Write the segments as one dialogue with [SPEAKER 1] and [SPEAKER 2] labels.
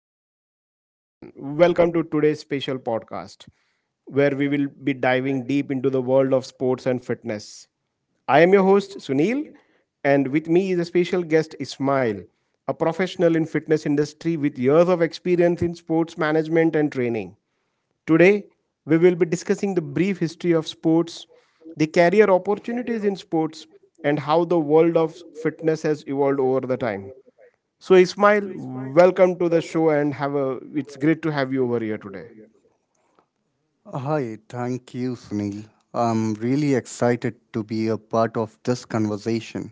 [SPEAKER 1] Hello, everyone. Welcome to today's special podcast, where we will be diving deep into the world of sports and fitness. I am your host, Sunil, and with me is a special guest, Ismail, a professional in fitness industry with years of experience in sports management and training. Today, we will be discussing the brief history of sports, the career opportunities in sports, and how the world of fitness has evolved over the time. So, Ismail, welcome to the show and have a it's great to have you over here today.
[SPEAKER 2] Hi, thank you, Sunil. I'm really excited to be a part of this conversation.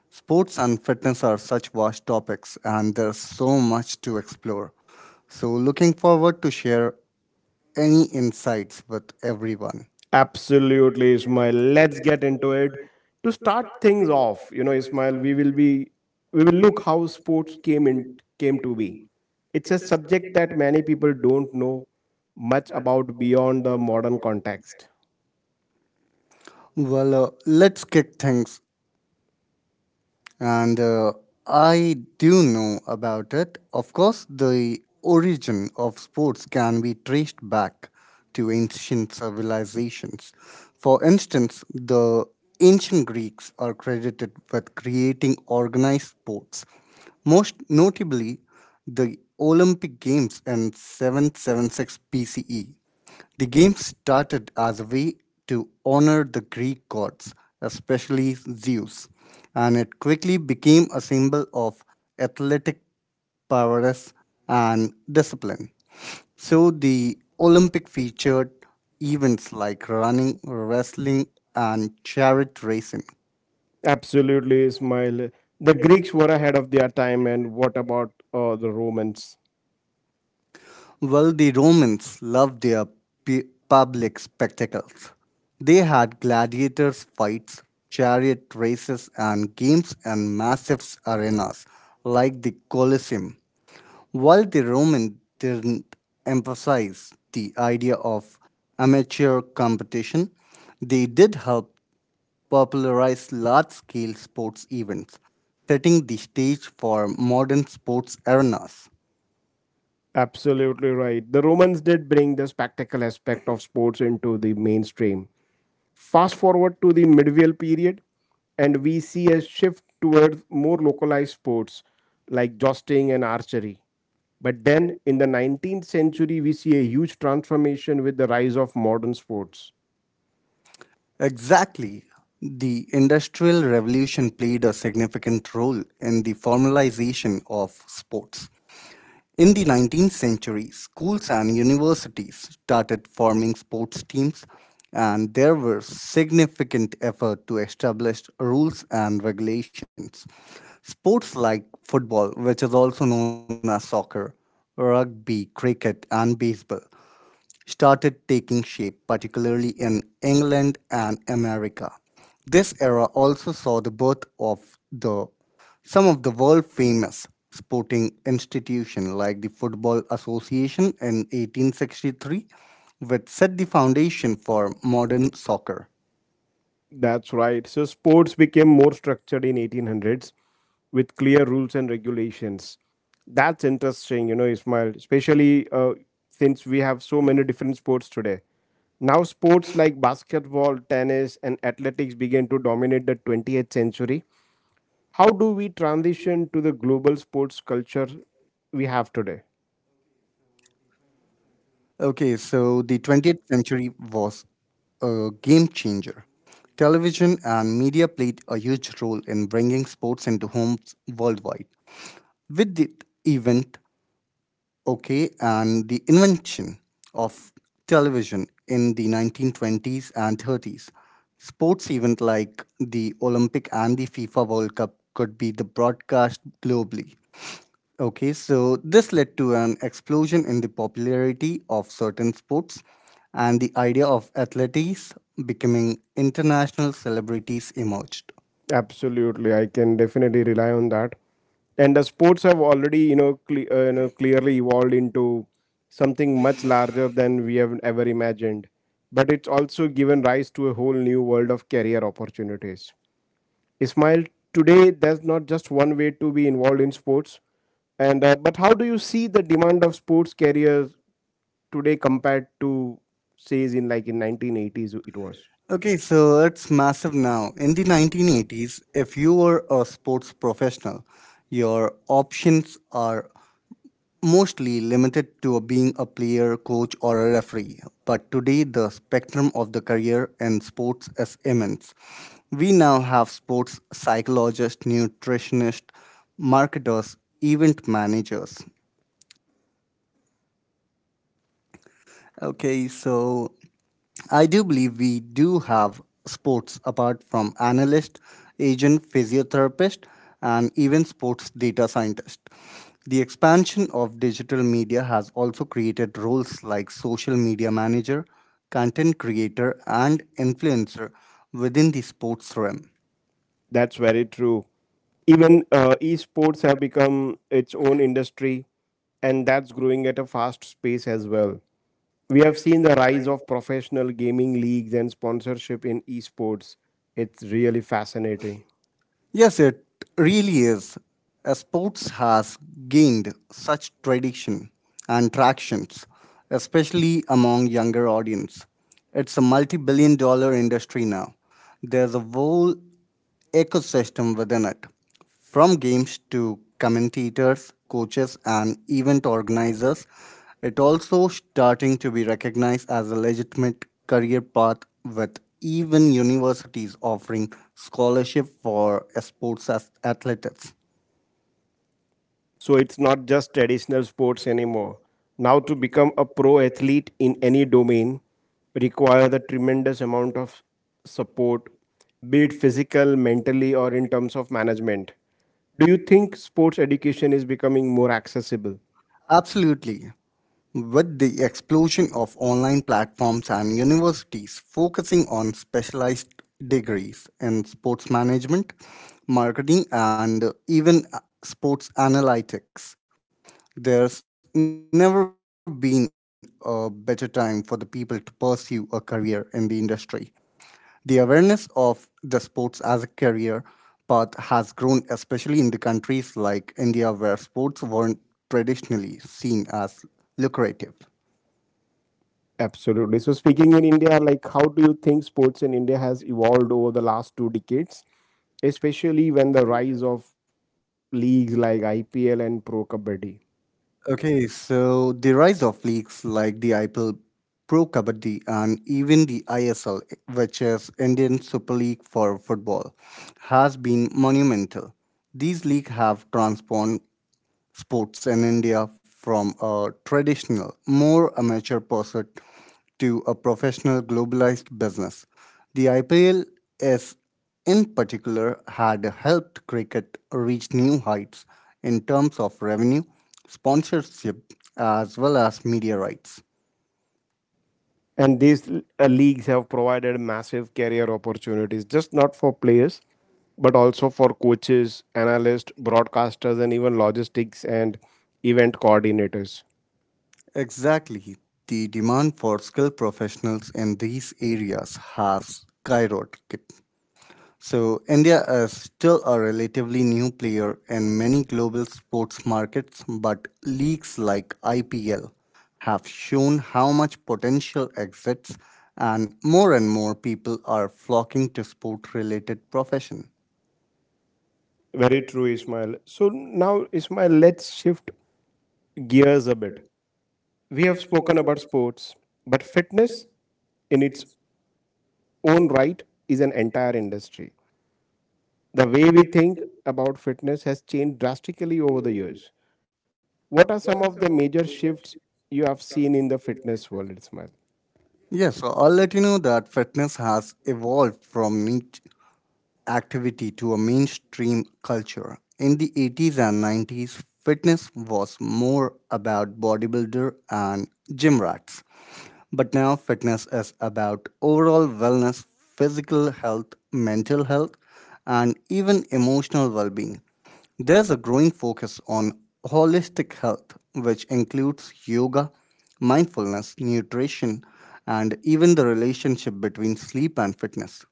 [SPEAKER 2] Sports and fitness are such vast topics, and there's so much to explore. So, looking forward to share any insights with everyone.
[SPEAKER 1] Absolutely, Ismail. Let's get into it. To start things off, you know, Ismail, we will look how sports came in came to be. It's a subject that many people don't know much about beyond the modern context.
[SPEAKER 2] Well, let's kick things and I do know about it. Of course, the origin of sports can be traced back to ancient civilizations. For instance, the ancient Greeks are credited with creating organized sports, most notably the Olympic Games in 776 BCE. The game started as a way to honor the Greek gods, especially Zeus, and it quickly became a symbol of athletic prowess and discipline. So the Olympic featured events like running, wrestling, and chariot racing.
[SPEAKER 1] Absolutely, Ismail. The Greeks were ahead of their time, and what about the Romans?
[SPEAKER 2] Well, the Romans loved their public spectacles. They had gladiators' fights, chariot races, and games in massive arenas like the Colosseum. While the Romans didn't emphasize the idea of amateur competition, they did help popularize large scale sports events, setting the stage for modern sports arenas.
[SPEAKER 1] Absolutely right. The Romans did bring the spectacle aspect of sports into the mainstream. Fast forward to the medieval period, and we see a shift towards more localized sports like jousting and archery. But then in the 19th century, we see a huge transformation with the rise of modern sports.
[SPEAKER 2] Exactly. The Industrial Revolution played a significant role in the formalization of sports. In the 19th century, schools and universities started forming sports teams, and there were significant effort to establish rules and regulations. Sports like football, which is also known as soccer, rugby, cricket, and baseball started taking shape, particularly in England and America. This era also saw the birth of the some of the world famous sporting institutions like the Football Association in 1863, which set the foundation for modern soccer.
[SPEAKER 1] That's right. So sports became more structured in 1800s with clear rules and regulations. That's interesting, you know, Ismail, especially since we have so many different sports today. Now, sports like basketball, tennis, and athletics began to dominate the 20th century. How do we transition to the global sports culture we have today?
[SPEAKER 2] Okay, so the 20th century was a game changer. Television and media played a huge role in bringing sports into homes worldwide. With the event okay and the invention of television in the 1920s and 30s, sports event like the Olympic and the FIFA World Cup could be the broadcast globally. Okay, so this led to an explosion in the popularity of certain sports, and the idea of athletes becoming international celebrities emerged.
[SPEAKER 1] Absolutely, I can definitely rely on that. And the sports have already, you know, clearly evolved into something much larger than we have ever imagined. But it's also given rise to a whole new world of career opportunities. Ismail, today there's not just one way to be involved in sports, and but how do you see the demand of sports careers today compared to, say, in 1980s it was?
[SPEAKER 2] Okay, so it's massive now. In the 1980s, if you were a sports professional, your options are mostly limited to being a player, coach, or a referee. But today, the spectrum of the career in sports is immense. We now have sports psychologists, nutritionists, marketers, event managers. Okay, so I do believe we do have sports apart from analyst, agent, physiotherapist, and even sports data scientist. The expansion of digital media has also created roles like social media manager, content creator, and influencer within the sports realm.
[SPEAKER 1] That's very true. Even esports have become its own industry, and that's growing at a fast pace as well. We have seen the rise of professional gaming leagues and sponsorship in esports. It's really fascinating.
[SPEAKER 2] Yes, it really is. Sports has gained such tradition and tractions, especially among younger audience. It's a multi-billion-dollar industry now. There's a whole ecosystem within it. From games to commentators, coaches, and event organizers, it also starting to be recognized as a legitimate career path with even universities offering scholarship for sports athletes.
[SPEAKER 1] So it's not just traditional sports anymore. Now, to become a pro athlete in any domain requires a tremendous amount of support, be it physical, mentally, or in terms of management. Do you think sports education is becoming more accessible?
[SPEAKER 2] Absolutely. With the explosion of online platforms and universities focusing on specialized degrees in sports management, marketing, and even sports analytics, there's never been a better time for the people to pursue a career in the industry. The awareness of the sports as a career path has grown, especially in the countries like India, where sports weren't traditionally seen as lucrative.
[SPEAKER 1] Absolutely. So speaking in India, like how do you think sports in India has evolved over the last two decades, especially when the rise of leagues like IPL and Pro Kabaddi?
[SPEAKER 2] Okay, so the rise of leagues like the IPL, Pro Kabaddi, and even the ISL, which is Indian Super League for football, has been monumental. These leagues have transformed sports in India from a traditional, more amateur pursuit to a professional globalized business. The IPL is in particular had helped cricket reach new heights in terms of revenue, sponsorship, as well as media rights.
[SPEAKER 1] And these leagues have provided massive career opportunities, just not for players, but also for coaches, analysts, broadcasters, and even logistics and event coordinators.
[SPEAKER 2] Exactly. The demand for skilled professionals in these areas has skyrocketed. So, India is still a relatively new player in many global sports markets, but leagues like IPL have shown how much potential exists and more people are flocking to sport related profession.
[SPEAKER 1] Very true, Ismail. So now, Ismail, let's shift gears a bit. We have spoken about sports, but fitness in its own right is an entire industry. The way we think about fitness has changed drastically over the years. What are some of the major shifts you have seen in the fitness world, Ismail?
[SPEAKER 2] Yes, so I'll let you know that fitness has evolved from niche activity to a mainstream culture. In the 80s and 90s, fitness was more about bodybuilder and gym rats. But now fitness is about overall wellness, physical health, mental health, and even emotional well-being. There's a growing focus on holistic health, which includes yoga, mindfulness, nutrition, and even the relationship between sleep and fitness.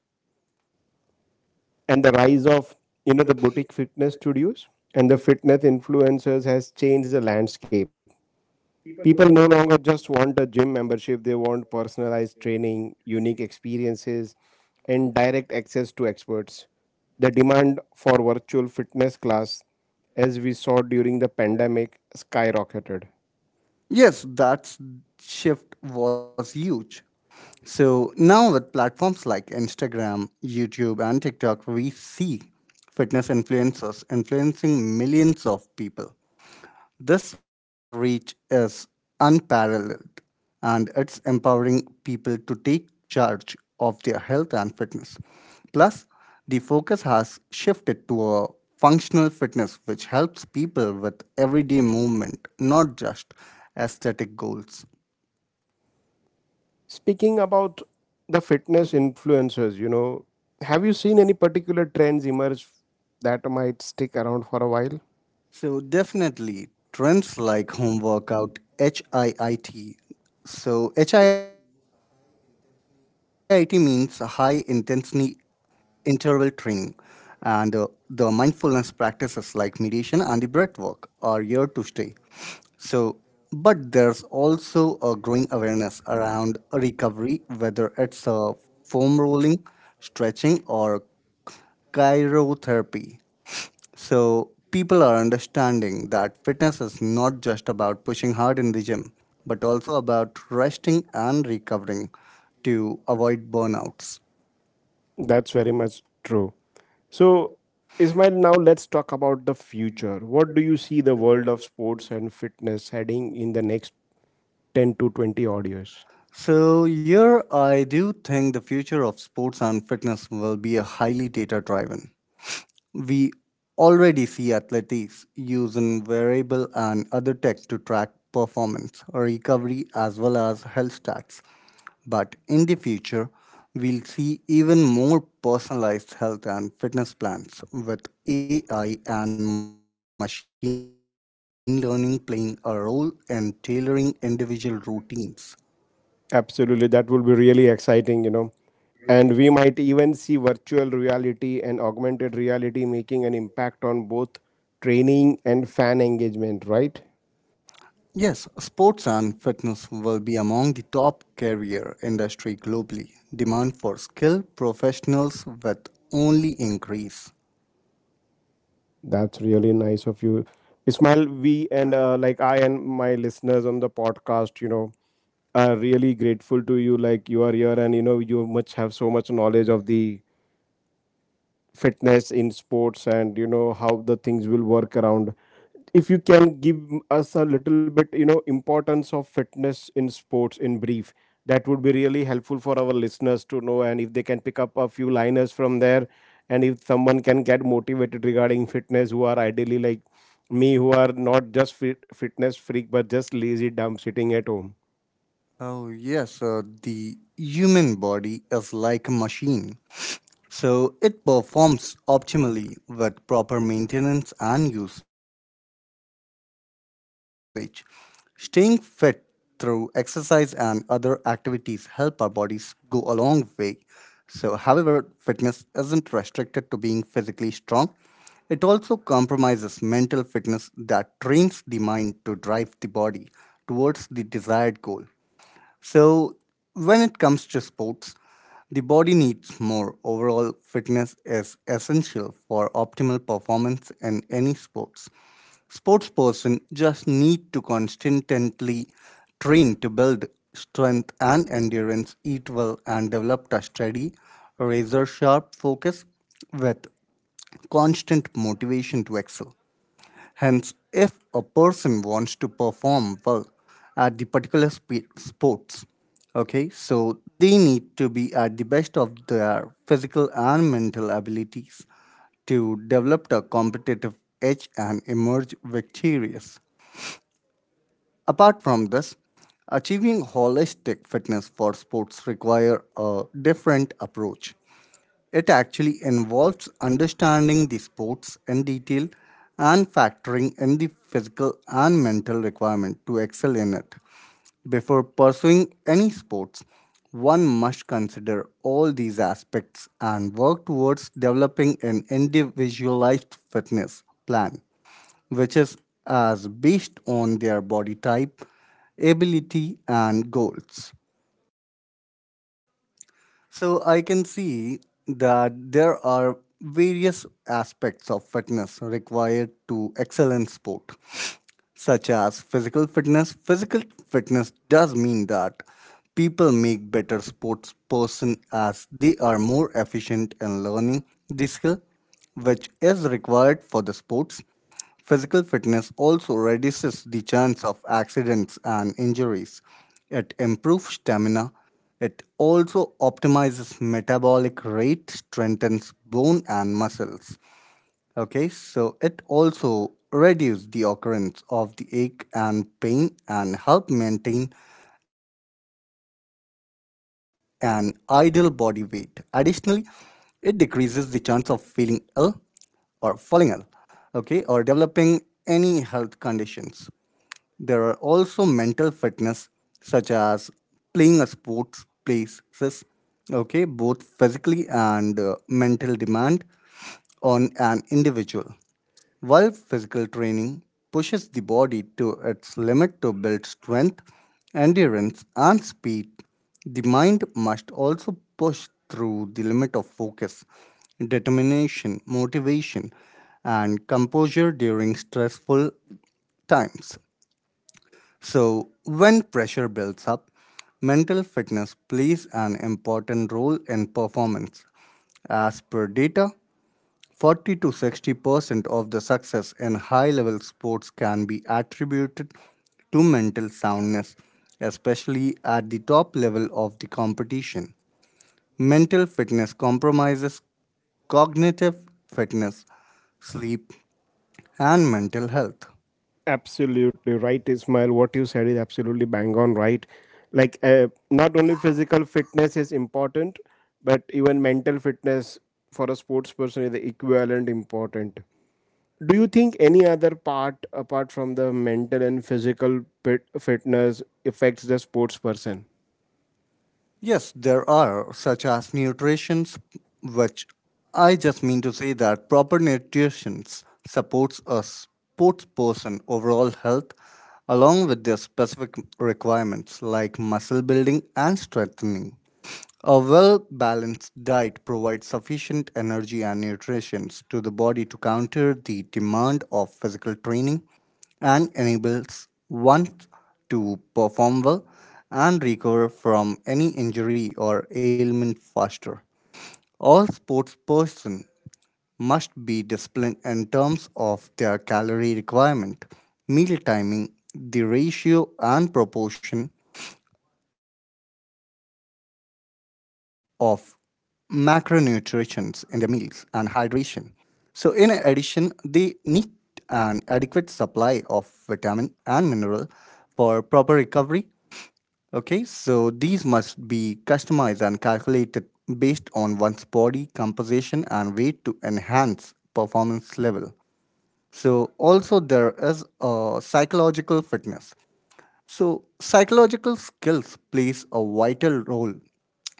[SPEAKER 1] And the rise of, you know, the boutique fitness studios and the fitness influencers has changed the landscape. People no longer just want a gym membership, they want personalized training, unique experiences, and direct access to experts. The demand for virtual fitness class, as we saw during the pandemic, skyrocketed.
[SPEAKER 2] Yes, that shift was huge. So now with platforms like Instagram, YouTube, and TikTok, we see fitness influencers influencing millions of people. This reach is unparalleled, and it's empowering people to take charge of their health and fitness. Plus, the focus has shifted to a functional fitness which helps people with everyday movement, not just aesthetic goals.
[SPEAKER 1] Speaking about the fitness influencers, you know, have you seen any particular trends emerge that might stick around for a while?
[SPEAKER 2] So, definitely trends like home workout, HIIT. So, HIIT means high intensity interval training, and the mindfulness practices like meditation and the breath work are here to stay. So, but there's also a growing awareness around recovery, whether it's a foam rolling, stretching, or chirotherapy. So, people are understanding that fitness is not just about pushing hard in the gym, but also about resting and recovering to avoid burnouts.
[SPEAKER 1] That's very much true. So, Ismail, now let's talk about the future. What do you see the world of sports and fitness heading in the next 10 to 20 odd years?
[SPEAKER 2] So, here I do think the future of sports and fitness will be a highly data driven. We already see athletes using wearable and other tech to track performance, recovery, as well as health stats. But in the future, we'll see even more personalized health and fitness plans with AI and machine learning playing a role in tailoring individual routines.
[SPEAKER 1] Absolutely, that will be really exciting, you know. And we might even see virtual reality and augmented reality making an impact on both training and fan engagement, right?
[SPEAKER 2] Yes, sports and fitness will be among the top career industry globally. Demand for skilled professionals will only increase.
[SPEAKER 1] That's really nice of you. Ismail, we and like I and my listeners on the podcast, you know, are really grateful to you. Like you are here and you know, you much have so much knowledge of the fitness in sports and you know how the things will work around if you can give us a little bit, you know, importance of fitness in sports in brief. That would be really helpful for our listeners to know, and if they can pick up a few liners from there, and if someone can get motivated regarding fitness, who are ideally like me, who are not just fitness freak but just lazy dumb sitting at home.
[SPEAKER 2] Oh yes, the human body is like a machine. So it performs optimally with proper maintenance and usage. Staying fit through exercise and other activities help our bodies go a long way. So, however, fitness isn't restricted to being physically strong. It also compromises mental fitness that trains the mind to drive the body towards the desired goal. So, when it comes to sports, the body needs more. Overall, fitness is essential for optimal performance in any sports. Sports person just need to constantly train to build strength and endurance, eat well, and develop a steady, razor sharp focus with constant motivation to excel. Hence, if a person wants to perform well at the particular sports, okay, so they need to be at the best of their physical and mental abilities to develop a competitive edge and emerge victorious. Apart from this, achieving holistic fitness for sports require a different approach. It actually involves understanding the sports in detail and factoring in the physical and mental requirement to excel in it. Before pursuing any sports, one must consider all these aspects and work towards developing an individualized fitness plan, which is as based on their body type, ability, and goals. So I can see that there are various aspects of fitness required to excel in sport such as physical fitness. Physical fitness does mean that people make better sports person as they are more efficient in learning the skill which is required for the sports. Physical fitness also reduces the chance of accidents and injuries. It improves stamina. It also optimizes metabolic rate, strengthens bone and muscles. Okay, so it also reduces the occurrence of the ache and pain and help maintain an ideal body weight. Additionally, it decreases the chance of feeling ill or falling ill, okay, or developing any health conditions. There are also mental fitness such as playing a sports places, okay, both physically and mental demand on an individual. While physical training pushes the body to its limit to build strength, endurance, and speed, the mind must also push through the limit of focus, determination, motivation, and composure during stressful times. So, when pressure builds up, mental fitness plays an important role in performance. As per data, 40 to 60% of the success in high level sports can be attributed to mental soundness, especially at the top level of the competition. Mental fitness compromises cognitive fitness, sleep, and mental health.
[SPEAKER 1] Absolutely right, Ismail. What you said is absolutely bang on right. Like, not only physical fitness is important, but even mental fitness for a sports person is the equivalent important. Do you think any other part apart from the mental and physical fitness affects the sports person?
[SPEAKER 2] Yes, there are, such as nutritions, which I just mean to say that proper nutrition supports a sports person overall health along with their specific requirements like muscle building and strengthening. A well balanced diet provides sufficient energy and nutrition to the body to counter the demand of physical training and enables one to perform well and recover from any injury or ailment faster. All sports person must be disciplined in terms of their calorie requirement, meal timing, the ratio and proportion of macronutrients in their meals and hydration. So, in addition, they need an adequate supply of vitamin and mineral for proper recovery. Okay, so these must be customized and calculated based on one's body composition and weight to enhance performance level. So, also, there is a psychological fitness. So, psychological skills plays a vital role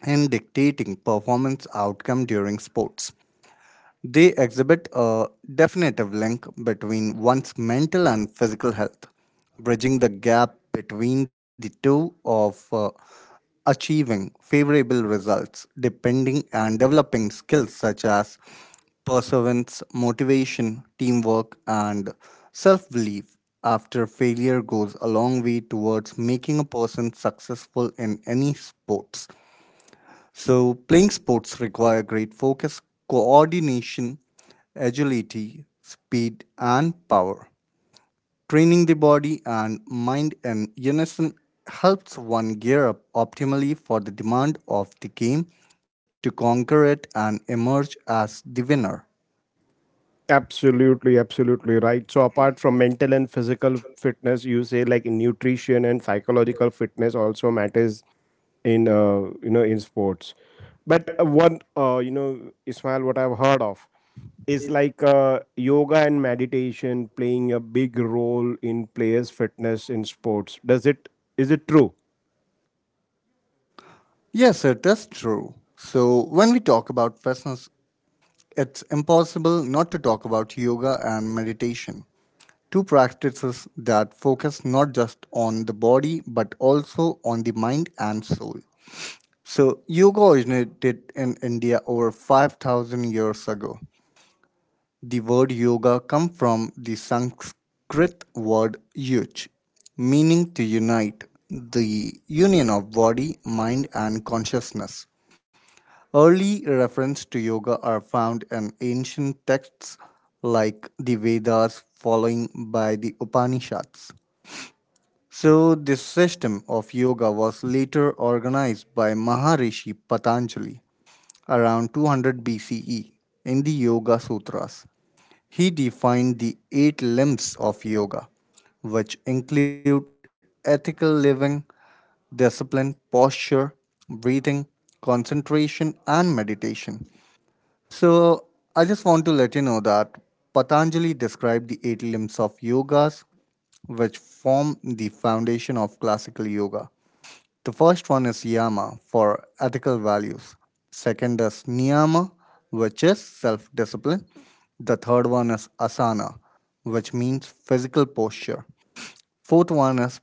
[SPEAKER 2] in dictating performance outcome during sports. They exhibit a definitive link between one's mental and physical health, bridging the gap between the two of achieving favorable results, depending and developing skills such as perseverance, motivation, teamwork, and self belief. After failure goes a long way towards making a person successful in any sports, so playing sports require great focus, coordination, agility, speed, and power. Training the body and mind and unison helps one gear up optimally for the demand of the game to conquer it and emerge as the winner.
[SPEAKER 1] Absolutely, absolutely right. So, apart from mental and physical fitness, you say like nutrition and psychological fitness also matters in you know, in sports. But one you know, Ismail, what I've heard of is like yoga and meditation playing a big role in players' fitness in sports. Does it Is it true?
[SPEAKER 2] Yes, it is true. So, when we talk about fitness, it's impossible not to talk about yoga and meditation. Two practices that focus not just on the body but also on the mind and soul. So, yoga originated in India over 5,000 years ago. The word yoga comes from the Sanskrit word yuj, meaning to unite, the union of body, mind, and consciousness. Early references to yoga are found in ancient texts like the Vedas, following by the Upanishads. So, this system of yoga was later organized by Maharishi Patanjali around 200 BCE in the Yoga Sutras. He defined the eight limbs of yoga, which include ethical living, discipline, posture, breathing, concentration, and meditation. So, I just want to let you know that Patanjali described the eight limbs of yogas, which form the foundation of classical yoga. The first one is Yama, for ethical values. Second is Niyama, which is self discipline. The third one is Asana, which means physical posture. Fourth one is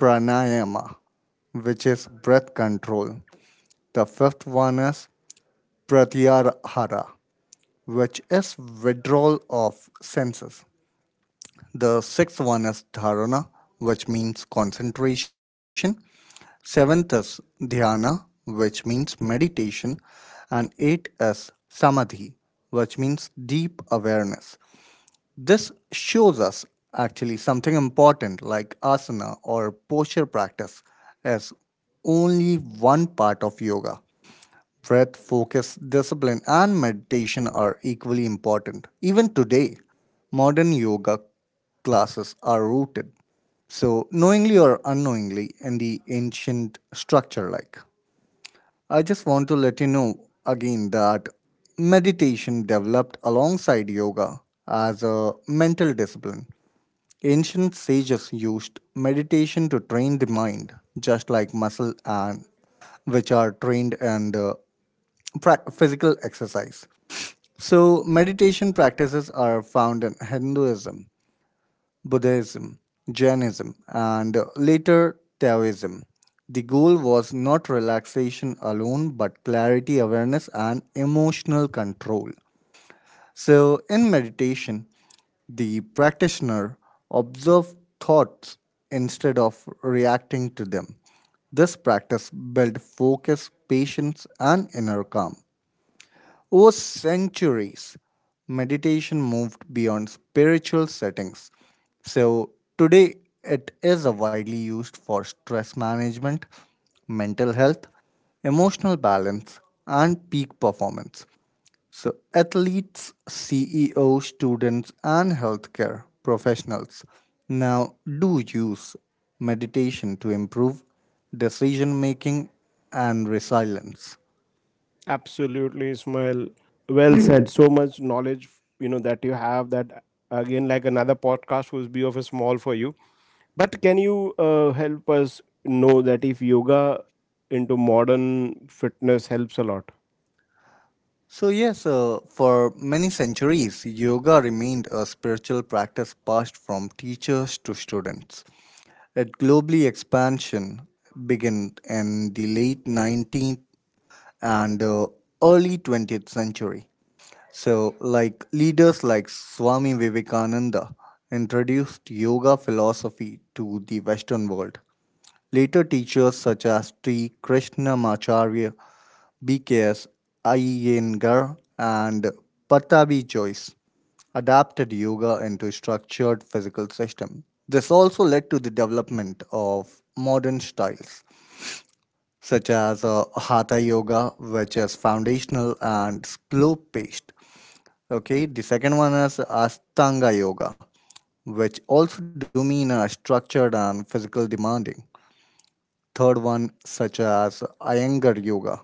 [SPEAKER 2] Pranayama, which is breath control. The fifth one is Pratyahara, which is withdrawal of senses. The sixth one is Dharana, which means concentration. Seventh is Dhyana, which means meditation. And eight is Samadhi, which means deep awareness. This shows us actually something important, like asana or posture practice is only one part of yoga. Breath, focus, discipline, and meditation are equally important. Even today, modern yoga classes are rooted, so knowingly or unknowingly, in the ancient structure. Like, I just want to let you know again that meditation developed alongside yoga as a mental discipline. Ancient sages used meditation to train the mind, just like muscle and which are trained and physical exercise. So, meditation practices are found in Hinduism, Buddhism, Jainism, and later Taoism. The goal was not relaxation alone, but clarity, awareness, and emotional control. So, in meditation, the practitioner observes thoughts instead of reacting to them. This practice builds focus, patience, and inner calm. Over centuries, meditation moved beyond spiritual settings. So, today it is widely used for stress management, mental health, emotional balance, and peak performance. So, athletes, CEOs, students, and healthcare professionals now do use meditation to improve decision making and resilience.
[SPEAKER 1] Absolutely, Ismail. Well said. So much knowledge, you know, that you have, that again, like another podcast would be of a small for you. But can you help us know that if yoga into modern fitness helps a lot?
[SPEAKER 2] So, yes, for many centuries, yoga remained a spiritual practice passed from teachers to students. Its globally expansion began in the late 19th and early 20th century. So, like leaders like Swami Vivekananda introduced yoga philosophy to the Western world. Later, teachers such as Sri Krishnamacharya, BKS Iyengar, and Patabi Joyce adapted yoga into structured physical system. This also led to the development of modern styles such as Hatha Yoga, which is foundational and slow paced. Okay, the second one is Astanga Yoga, which also domain are structured and physical demanding. Third one, such as Iyengar Yoga,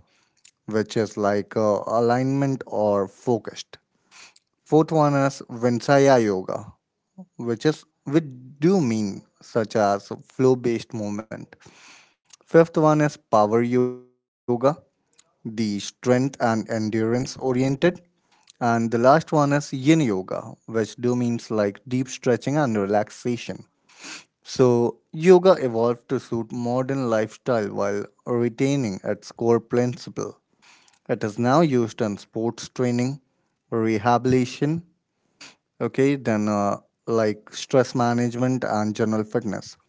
[SPEAKER 2] which is like alignment or focused. Fourth one is Vinsaya Yoga, which do mean such as flow-based movement. Fifth one is Power Yoga, the strength and endurance oriented. And the last one is Yin Yoga, which do means like deep stretching and relaxation. So, yoga evolved to suit modern lifestyle while retaining its core principle. It is now used in sports training, rehabilitation, okay, then like stress management and general fitness.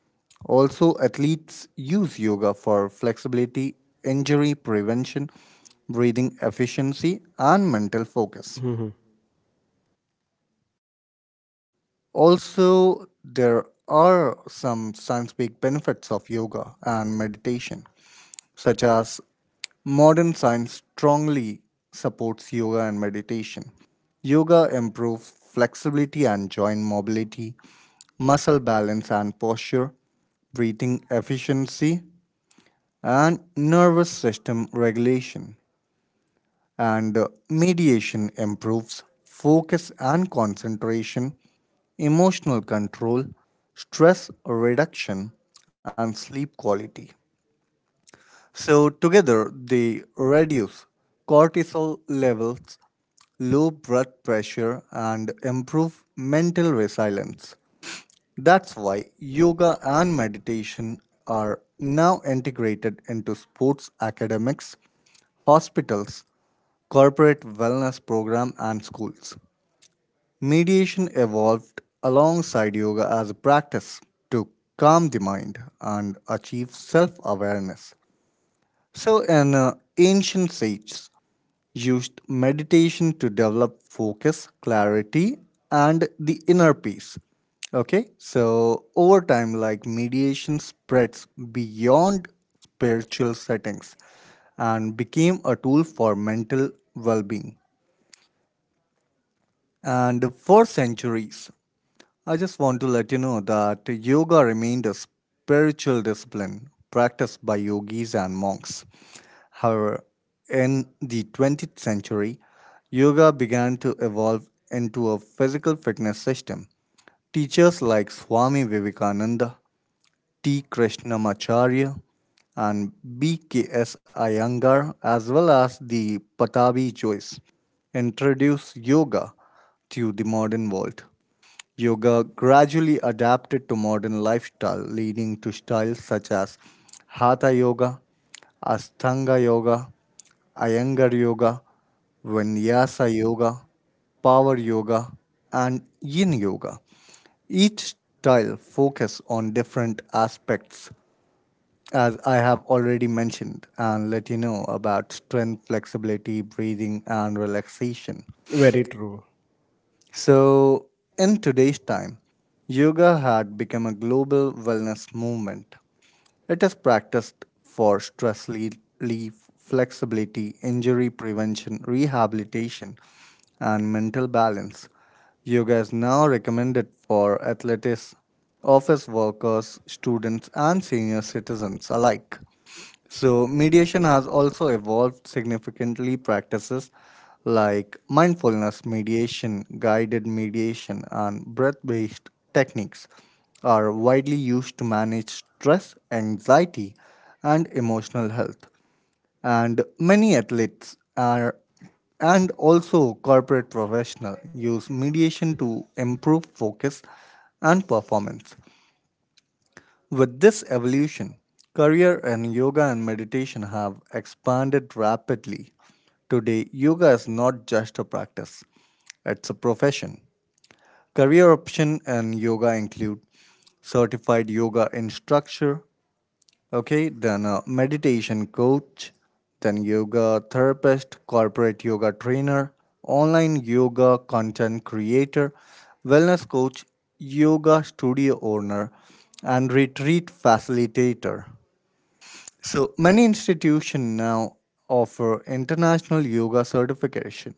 [SPEAKER 2] Also, athletes use yoga for flexibility, injury prevention, breathing efficiency, and mental focus.
[SPEAKER 1] Mhm.
[SPEAKER 2] Also, there are some scientific benefits of yoga and meditation, such as modern science strongly supports yoga and meditation. Yoga improves flexibility and joint mobility, muscle balance and posture, breathing efficiency, and nervous system regulation, and mediation improves focus and concentration, emotional control, stress reduction, and sleep quality. So, together they reduce cortisol levels, low blood pressure, and improve mental resilience. That's why yoga and meditation are now integrated into sports academics, hospitals, corporate wellness program and schools. Mediation evolved alongside yoga as a practice to calm the mind and achieve self-awareness. So, an ancient sage used meditation to develop focus, clarity, and the inner peace. Okay, so over time, like mediation spreads beyond spiritual settings and became a tool for mental well being. And for centuries, I just want to let you know that yoga remained a spiritual discipline practiced by yogis and monks. However, in the 20th century, yoga began to evolve into a physical fitness system. Teachers like Swami Vivekananda, T. Krishnamacharya, and BKS Iyengar, as well as the Patabi Joyce, introduced yoga to the modern world. Yoga gradually adapted to modern lifestyle, leading to styles such as Hatha Yoga, Ashtanga Yoga, Iyengar Yoga, Vinyasa Yoga, Power Yoga, and Yin Yoga. Each style focuses on different aspects, as I have already mentioned and let you know, about strength, flexibility, breathing and relaxation.
[SPEAKER 1] Very true.
[SPEAKER 2] So, in today's time, yoga had become a global wellness movement. It is practiced for stress relief, flexibility, injury prevention, rehabilitation, and mental balance. Yoga is now recommended for athletes, office workers, students, and senior citizens alike. So, mediation has also evolved significantly. Practices like mindfulness mediation, guided mediation, and breath based techniques are widely used to manage stress, anxiety, and emotional health. And many athletes are and also corporate professionals use mediation to improve focus and performance. With this evolution, career and yoga and meditation have expanded rapidly. Today, yoga is not just a practice, it's a profession. Career option and yoga include certified yoga instructor, okay, then a meditation coach, then yoga therapist, corporate yoga trainer, online yoga content creator, wellness coach, yoga studio owner, and retreat facilitator. So many institutions now offer international yoga certification,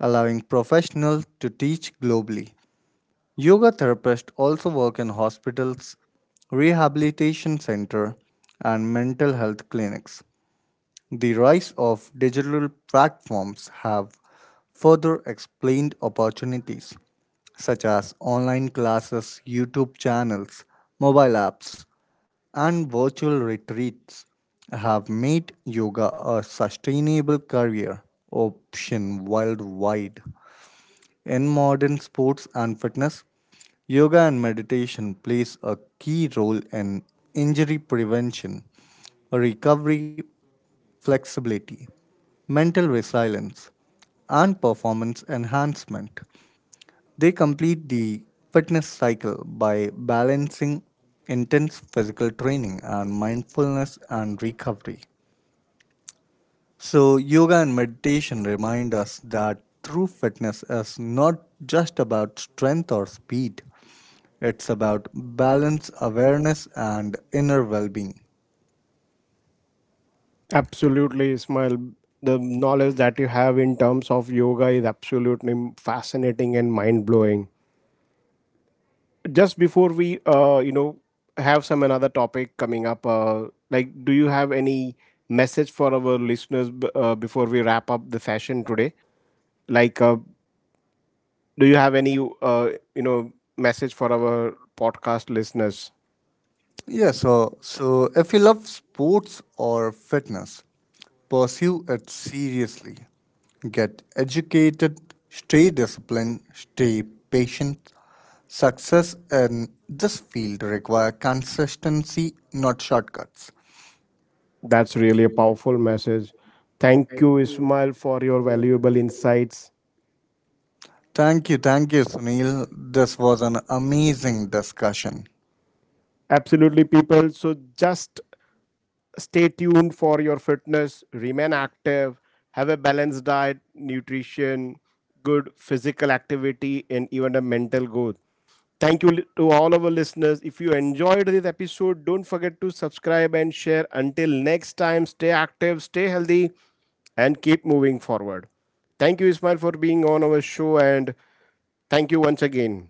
[SPEAKER 2] allowing professionals to teach globally. Yoga therapists also work in hospitals, rehabilitation center, and mental health clinics. The rise of digital platforms have further explained opportunities such as online classes, YouTube channels, mobile apps, and virtual retreats have made yoga a sustainable career option worldwide. In modern sports and fitness, yoga and meditation plays a key role in injury prevention, recovery, flexibility, mental resilience, and performance enhancement. They complete the fitness cycle by balancing intense physical training and mindfulness and recovery. So, yoga and meditation remind us that true fitness is not just about strength or speed, it's about balance, awareness, and inner well being.
[SPEAKER 1] Absolutely, Ismail. The knowledge that you have in terms of yoga is absolutely fascinating and mind blowing. Just before we you know, have some another topic coming up, like do you have any message for our listeners, before we wrap up the session today, like do you have any, you know, message for our podcast listeners?
[SPEAKER 2] So if you love sports or fitness, pursue it seriously. Get educated, stay disciplined, stay patient. Success in this field require consistency, not shortcuts.
[SPEAKER 1] That's really a powerful message. Thank you, Ismail, for your valuable insights.
[SPEAKER 2] Thank you, Sunil. This was an amazing discussion.
[SPEAKER 1] Absolutely, people, so just stay tuned for your fitness, remain active, have a balanced diet, nutrition, good physical activity, and even a mental growth. Thank you to all our listeners. If you enjoyed this episode, don't forget to subscribe and share. Until next time, stay active, stay healthy, and keep moving forward. Thank you, Ismail, for being on our show, and thank you once again.